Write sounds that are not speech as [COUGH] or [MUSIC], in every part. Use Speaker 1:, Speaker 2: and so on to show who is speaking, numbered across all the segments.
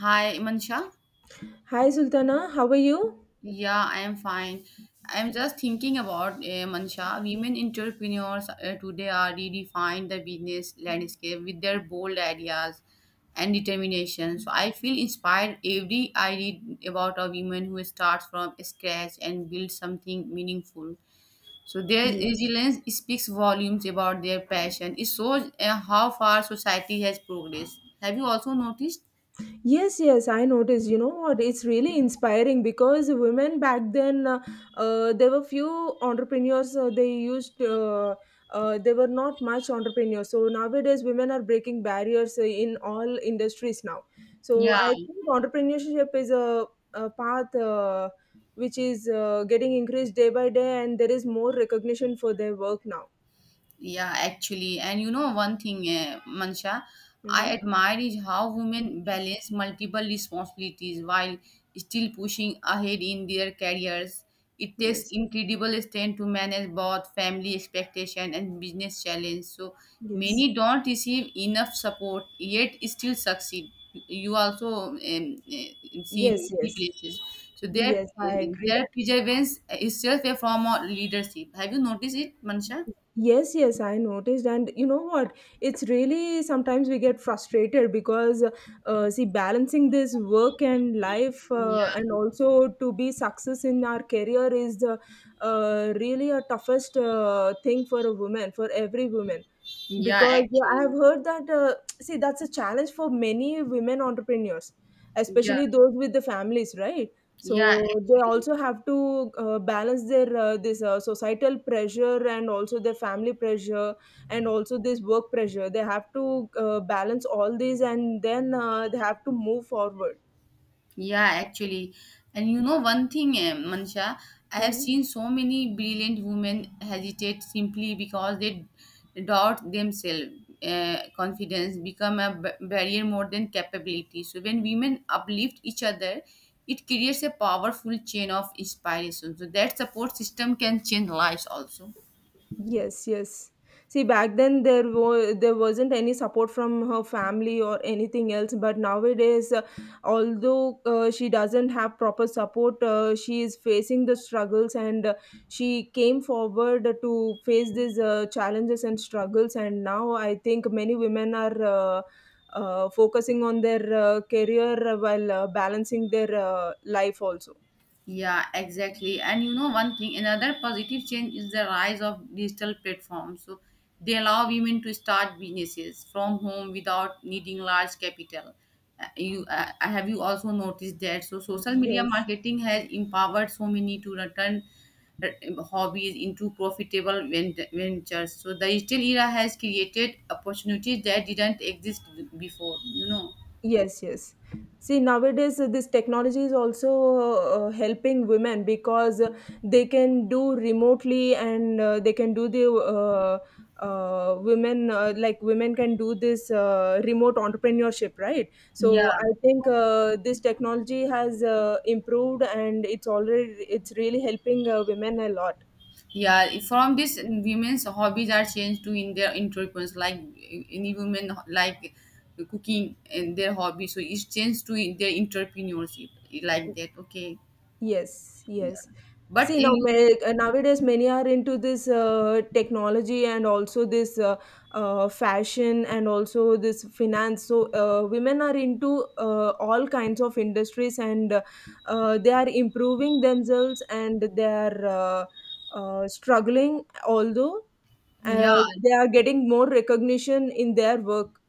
Speaker 1: Hi, Mansha.
Speaker 2: Hi Sultana, how are you?
Speaker 1: Yeah, I am fine. I am just thinking about Mansha. Women entrepreneurs today are redefined the business landscape with their bold ideas and determination. So I feel inspired every I read about a woman who starts from scratch and builds something meaningful. So their
Speaker 2: Yeah.
Speaker 1: resilience speaks volumes about their passion. It shows how far society has progressed. Have you also noticed?
Speaker 2: Yes, yes, I noticed. You know what? It's really inspiring because women back then, there were few entrepreneurs. They used, they were not much entrepreneurs. So nowadays, women are breaking barriers in all industries now. So
Speaker 1: Yeah.
Speaker 2: I think entrepreneurship is a path which is getting increased day by day, and there is more recognition for their work now.
Speaker 1: Yeah, actually, and you know one thing, Mansha, I
Speaker 2: Mm-hmm.
Speaker 1: admire is how women balance multiple responsibilities while still pushing ahead in their careers. It takes
Speaker 2: Yes,
Speaker 1: incredible strength to manage both family expectation and business challenge. So
Speaker 2: yes,
Speaker 1: many don't receive enough support yet still succeed. You also see in
Speaker 2: yes,
Speaker 1: many
Speaker 2: yes.
Speaker 1: places. So their
Speaker 2: Yes, I agree that.
Speaker 1: their perseverance is itself a form of leadership. Have you noticed it, Mansha?
Speaker 2: Yes, yes, I noticed. And you know what? It's really sometimes we get frustrated because, see, balancing this work and life
Speaker 1: Yeah.
Speaker 2: and also to be success in our career is the really a toughest thing for a woman, for every woman.
Speaker 1: Yeah,
Speaker 2: Because I have
Speaker 1: actually.
Speaker 2: heard that, see, that's a challenge for many women entrepreneurs,
Speaker 1: Yeah,
Speaker 2: especially those with the families, right?
Speaker 1: yeah,
Speaker 2: So they
Speaker 1: actually.
Speaker 2: also have to balance their this societal pressure and also their family pressure and also this work pressure. They have to balance all these and then they have to move forward.
Speaker 1: Yeah, actually. And you know one thing, Mansha, I have
Speaker 2: Mhm.
Speaker 1: seen so many brilliant women hesitate simply because they doubt themselves. Confidence become a barrier more than capability. So when women uplift each other, it creates a powerful chain of inspiration. So that support system can change lives also.
Speaker 2: Yes, yes. See, back then there wasn't any support from her family or anything else. But nowadays, although she doesn't have proper support, she is facing the struggles, and she came forward to face these challenges and struggles. And now I think many women are. Focusing on their career while balancing their life also.
Speaker 1: Yeah, exactly. And you know, one thing, another positive change is the rise of digital platforms. So they allow women to start businesses from home without needing large capital. You Have you also noticed that? So social media
Speaker 2: Yes.
Speaker 1: marketing has empowered so many to return hobbies into profitable ventures. So the digital era has created opportunities that didn't exist before. You know.
Speaker 2: Yes, yes. See, nowadays this technology is also helping women because they can do remotely and they can do the women like women can do this remote entrepreneurship, right? So
Speaker 1: Yeah.
Speaker 2: I think this technology has improved and it's really helping women a lot.
Speaker 1: Yeah, from this, women's hobbies are changed to in their entrepreneurs. Like any women like cooking and their hobby, so it's changed to their entrepreneurship like that. Okay,
Speaker 2: Yes,
Speaker 1: yeah,
Speaker 2: yes.
Speaker 1: but
Speaker 2: See now,
Speaker 1: in,
Speaker 2: ma- nowadays many are into this technology and also this fashion and also this finance. So women are into all kinds of industries and they are improving themselves and they are struggling. Although
Speaker 1: yeah,
Speaker 2: they are getting more recognition in their work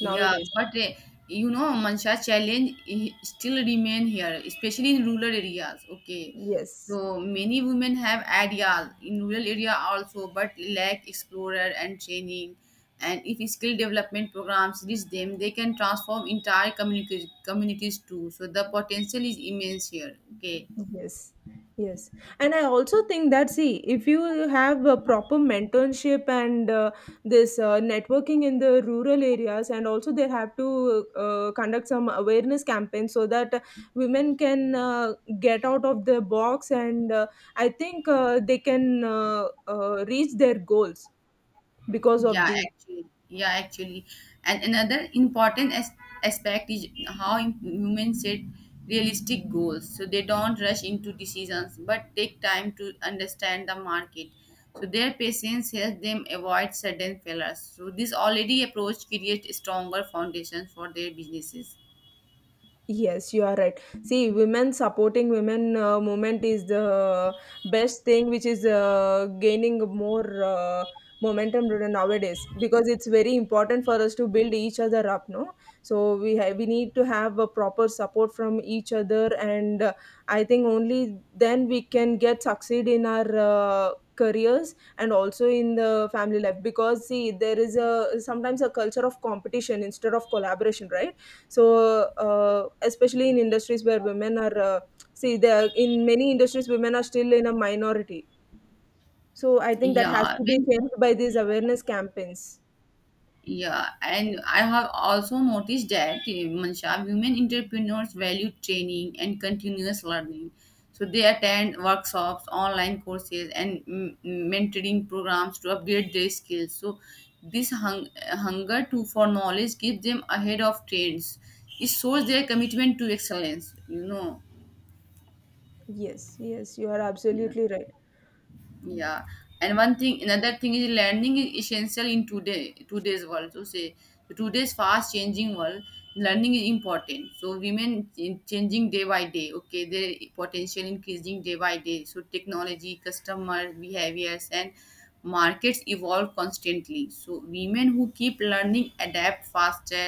Speaker 1: yeah,
Speaker 2: nowadays.
Speaker 1: but you know, Mansha challenge still remain here, especially in rural areas. Okay,
Speaker 2: Yes.
Speaker 1: so many women have ideas in rural area also, but lack explorer and training. And if skill development programs reach them, they can transform entire communities too. So the potential is immense here. Okay,
Speaker 2: Yes, yes. And I also think that, see, if you have a proper mentorship and this networking in the rural areas, and also they have to conduct some awareness campaigns so that women can get out of the box and I think they can reach their goals because of
Speaker 1: yeah,
Speaker 2: these.
Speaker 1: actually, yeah, actually, and another important aspect is how humans set realistic goals. So they don't rush into decisions, but take time to understand the market. So their patience helps them avoid sudden failures. So this already approach creates stronger foundations for their businesses.
Speaker 2: Yes, you are right. See, women supporting women movement is the best thing, which is gaining more momentum nowadays because it's very important for us to build each other up. No, so we need to have a proper support from each other, and I think only then we can get succeed in our. Careers and also in the family life because see there is a sometimes a culture of competition instead of collaboration, right? So, especially in industries where women are, see, they are, in many industries, women are still in a minority. So, I think that has
Speaker 1: Yeah,
Speaker 2: to be
Speaker 1: when
Speaker 2: changed by these awareness campaigns.
Speaker 1: yeah, and I have also noticed that, Mansha, women entrepreneurs value training and continuous learning. So they attend workshops, online courses, and mentoring programs to upgrade their skills. So this hunger to for knowledge keeps them ahead of trends. It shows their commitment to excellence. You know.
Speaker 2: Yes, yes, you are
Speaker 1: Yeah.
Speaker 2: absolutely right.
Speaker 1: Yeah, and one thing, another thing is learning is essential in today's world. So say today's fast changing world, learning is important. So women changing day by day. Okay, their potential increasing day by day. So technology, customer behaviors, and markets evolve constantly. So women who keep learning adapt faster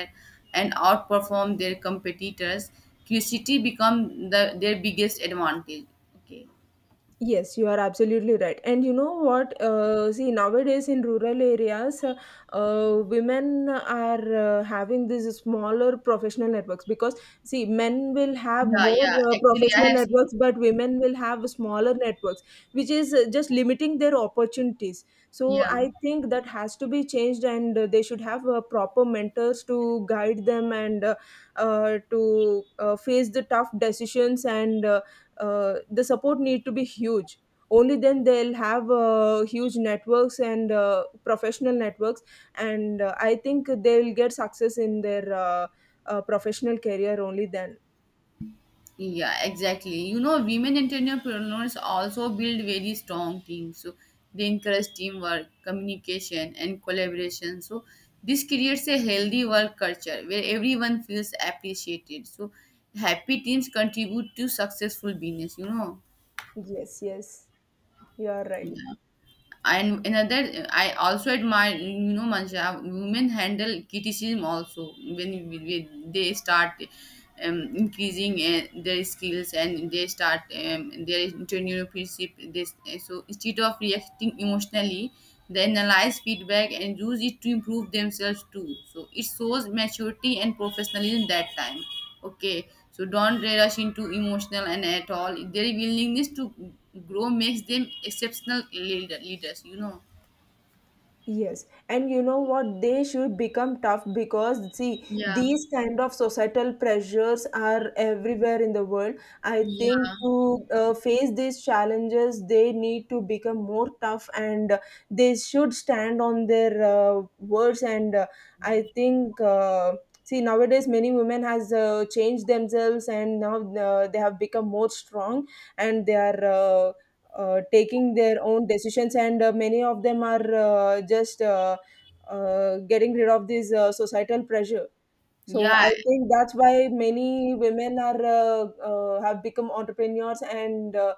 Speaker 1: and outperform their competitors. Curiosity become the their biggest advantage. Okay.
Speaker 2: Yes, you are absolutely right. And you know what? See, nowadays in rural areas, women are having these smaller professional networks because, see, men will have
Speaker 1: Yeah,
Speaker 2: more
Speaker 1: yeah. Actually, I
Speaker 2: professional
Speaker 1: have seen.
Speaker 2: networks, but women will have smaller networks, which is just limiting their opportunities. So
Speaker 1: Yeah,
Speaker 2: I think that has to be changed, and they should have proper mentors to guide them and to face the tough decisions and the support need to be huge, only then they'll have huge networks and professional networks and I think they'll get success in their professional career only then.
Speaker 1: yeah, exactly. You know, women entrepreneurs also build very strong teams. So they encourage teamwork, communication, and collaboration. So this creates a healthy work culture where everyone feels appreciated. So happy teams contribute to successful business. You know.
Speaker 2: Yes, yes, you are right.
Speaker 1: Yeah. And another I also admire you know Mansha women handle criticism also when they start increasing their skills and they start their entrepreneurship this so instead of reacting emotionally they analyze feedback and use it to improve themselves too, so it shows maturity and professionalism that time. Okay, so don't rush into emotional and at all. Their willingness to grow makes them exceptional leaders, you know.
Speaker 2: Yes, and you know what? They should become tough because see,
Speaker 1: Yeah,
Speaker 2: these kind of societal pressures are everywhere in the world. I think
Speaker 1: yeah,
Speaker 2: to face these challenges, they need to become more tough and they should stand on their words. And I think, see, nowadays many women has changed themselves and now they have become more strong and they are. Uh, taking their own decisions and many of them are just getting rid of this societal pressure, so
Speaker 1: yeah,
Speaker 2: I think that's why many women are have become entrepreneurs and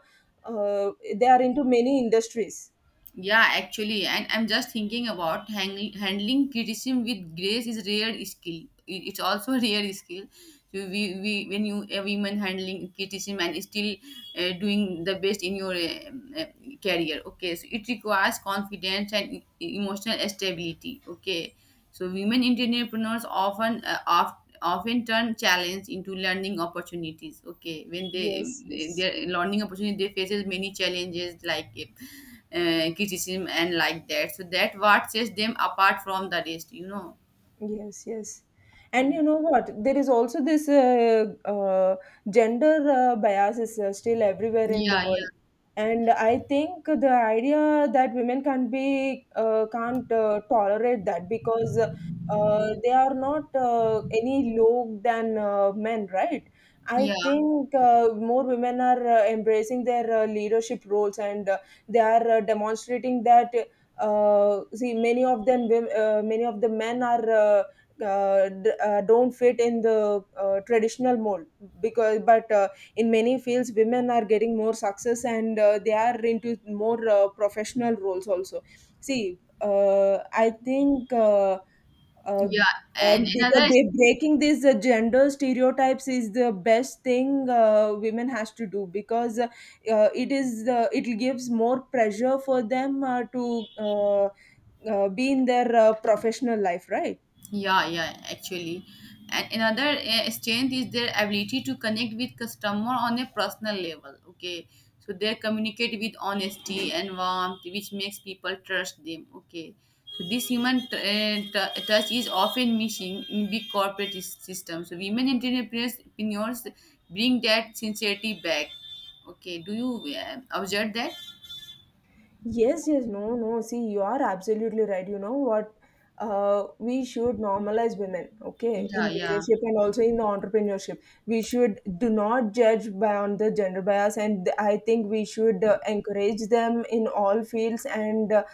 Speaker 2: uh, they are into many industries.
Speaker 1: yeah, actually, and I'm just thinking about handling criticism with grace is rare skill. It's also [LAUGHS] a rare skill. So we when you a woman handling criticism and still doing the best in your career. Okay, so it requires confidence and emotional stability. Okay, so women entrepreneurs often often turn challenge into learning opportunities. Okay, when they
Speaker 2: Yes, yes.
Speaker 1: their learning opportunity they faces many challenges like criticism and like that. So that what sets them apart from the rest. You know.
Speaker 2: Yes, yes. And
Speaker 1: Yeah,
Speaker 2: you know what? There is also this gender bias is still everywhere in the
Speaker 1: yeah,
Speaker 2: world. And I think the idea that women can not be can't tolerate that because they are not any low than men, right? I
Speaker 1: yeah,
Speaker 2: think more women are embracing their leadership roles and they are demonstrating that see many of the men are don't fit in the traditional mold because but in many fields women are getting more success and they are into more professional roles also. See I think uh,
Speaker 1: yeah. And
Speaker 2: because
Speaker 1: another
Speaker 2: breaking these gender stereotypes is the best thing women has to do because it gives more pressure for them to be in their professional life, right?
Speaker 1: yeah, yeah, actually. And another strength is their ability to connect with customer on a personal level. Okay. So they communicate with honesty and warmth, which makes people trust them. Okay. So this touch is often missing in big corporate systems. So women entrepreneurs bring that sincerity back. Okay. Do you observe that?
Speaker 2: Yes, yes, no, no. See, you are absolutely right. You know what? We should normalize women, okay, in
Speaker 1: Yeah, yeah.
Speaker 2: leadership and also in the entrepreneurship. We should do not judge by on the gender bias, and I think we should encourage them in all fields. And uh,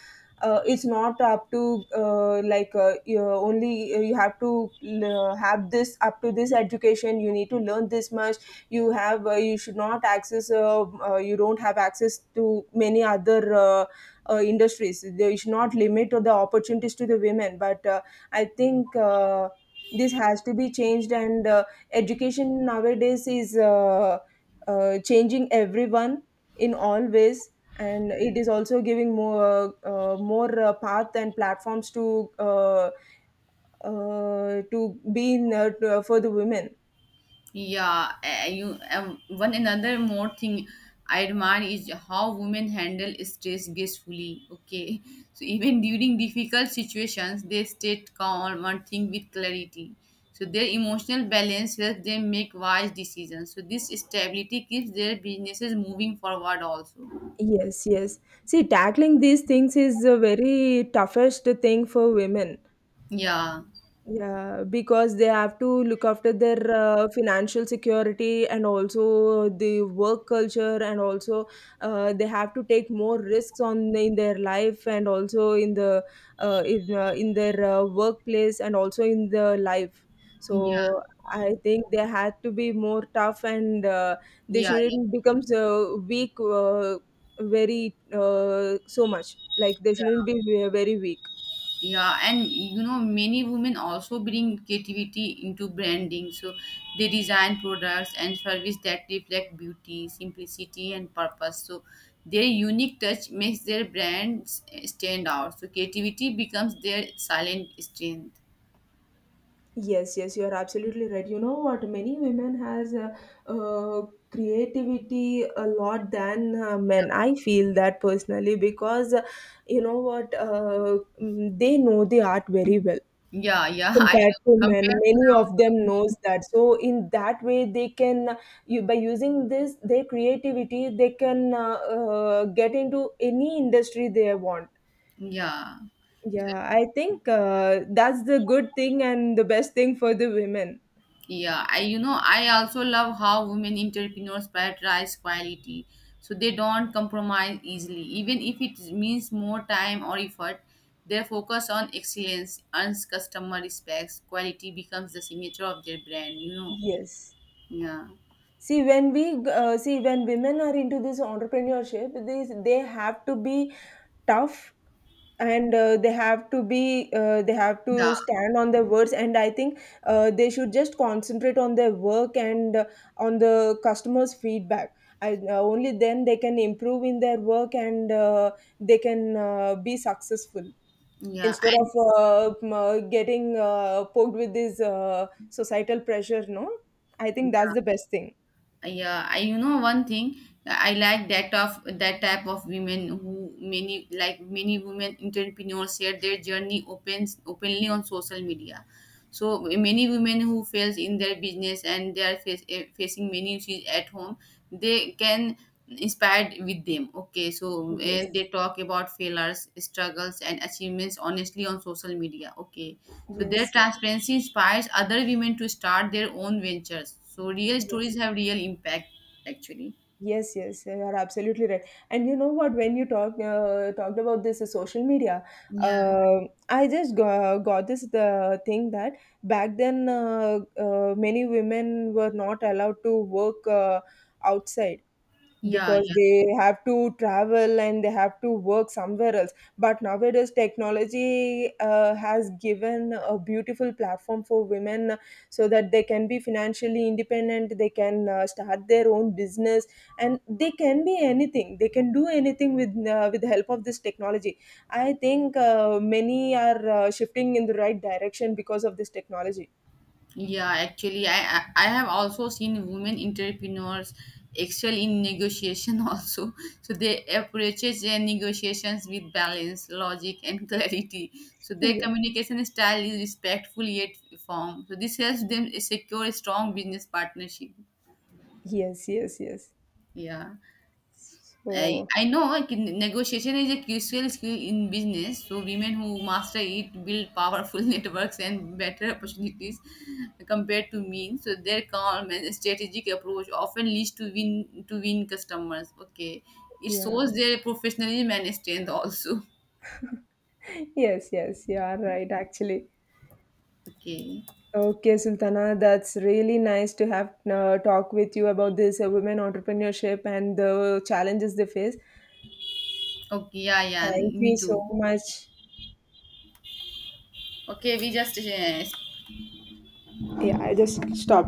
Speaker 2: uh, it's not up to like you only you have to have this up to this education. You need to learn this much, you should not access you don't have access to many other industries. They should not limit the opportunities to the women but I think this has to be changed and education nowadays is changing everyone in all ways, and it is also giving more path and platforms to be for the women.
Speaker 1: Yeah, you one another more thing I admire is how women handle stress gracefully. Okay, [LAUGHS] so even during difficult situations, they stay calm and think with clarity. So their emotional balance helps them make wise decisions. So this stability keeps their businesses moving forward. Also,
Speaker 2: Yes, yes. See, tackling these things is a very toughest thing for women.
Speaker 1: yeah,
Speaker 2: Yeah, because they have to look after their financial security and also the work culture, and also they have to take more risks on in their life and also in the in their workplace and also in the life.
Speaker 1: yeah,
Speaker 2: So I think they had to be more tough and they
Speaker 1: yeah,
Speaker 2: shouldn't become so weak very so much. Like they shouldn't
Speaker 1: yeah.
Speaker 2: be very weak.
Speaker 1: Yeah, and you know, many women also bring creativity into branding. So they design products and service that reflect beauty, simplicity, and purpose. So their unique touch makes their brands stand out. So creativity becomes their silent strength.
Speaker 2: Yes, yes, you are absolutely right. You know what? Many women has uh, creativity a lot than men. I feel that personally because you know what? They know the art very well
Speaker 1: Yeah, yeah. [LAUGHS] I
Speaker 2: compared
Speaker 1: know.
Speaker 2: to men.
Speaker 1: Compared to
Speaker 2: Many of them
Speaker 1: the
Speaker 2: knows that. So in that way, they can you by using this their creativity, they can get into any industry they want.
Speaker 1: yeah. So,
Speaker 2: Yeah, I think that's the good thing and the best thing for the women.
Speaker 1: yeah, I you know I also love how women entrepreneurs prioritize quality, so they don't compromise easily, even if it means more time or effort. Their focus on excellence earns customer respects. Quality becomes the signature of their brand. You know.
Speaker 2: Yes.
Speaker 1: Yeah.
Speaker 2: See, when we see when women are into this entrepreneurship, they have to be tough and they have to be they have to
Speaker 1: Yeah.
Speaker 2: stand on their words. And I think they should just concentrate on their work and on the customers' feedback. Only then they can improve in their work and they can be successful
Speaker 1: Yeah.
Speaker 2: instead of
Speaker 1: And
Speaker 2: getting poked with this societal pressure. No, I think that's
Speaker 1: yeah.
Speaker 2: the best thing.
Speaker 1: Yeah, I you know one thing I like that of that type of women who many like many women entrepreneurs share their journey opens openly on social media, so many women who fails in their business and they are facing many issues at home they can inspired with them. Okay, so
Speaker 2: Yes,
Speaker 1: they talk about failures, struggles, and achievements honestly on social media. Okay, so their
Speaker 2: yes, yes,
Speaker 1: transparency inspires other women to start their own ventures, so real
Speaker 2: yes,
Speaker 1: stories have real impact actually.
Speaker 2: yes, yes. You are absolutely right. And you know what? When you talked about this social media,
Speaker 1: Yeah,
Speaker 2: uh, I just got this the thing that back then many women were not allowed to work outside
Speaker 1: yeah,
Speaker 2: because they have to travel and they have to work somewhere else, but nowadays technology has given a beautiful platform for women, so that they can be financially independent, they can start their own business and they can be anything, they can do anything with the help of this technology. I think many are shifting in the right direction because of this technology.
Speaker 1: yeah, actually, I have also seen women entrepreneurs excel in negotiation [LAUGHS] also. So they approach their negotiations with balance, logic, and [LAUGHS] clarity. So their
Speaker 2: [LAUGHS] Yeah.
Speaker 1: communication style is respectful yet firm. So this helps them secure a strong business partnership.
Speaker 2: Yes, yes, yes.
Speaker 1: Yeah.
Speaker 2: So,
Speaker 1: I know, like, negotiation is a crucial skill in business. So women who master it build powerful [LAUGHS] networks and better opportunities compared to men. So their calm and strategic approach often leads to win customers. Okay, it
Speaker 2: yeah.
Speaker 1: shows their professionalism and strength also.
Speaker 2: Yes, yes, you are right, actually.
Speaker 1: Okay,
Speaker 2: Okay, Sultana, that's really nice to have talk with you about this women entrepreneurship and the challenges they face.
Speaker 1: okay, yeah, yeah,
Speaker 2: Thank you
Speaker 1: me
Speaker 2: so
Speaker 1: too.
Speaker 2: much.
Speaker 1: Okay, we just
Speaker 2: Yeah, I just stopped.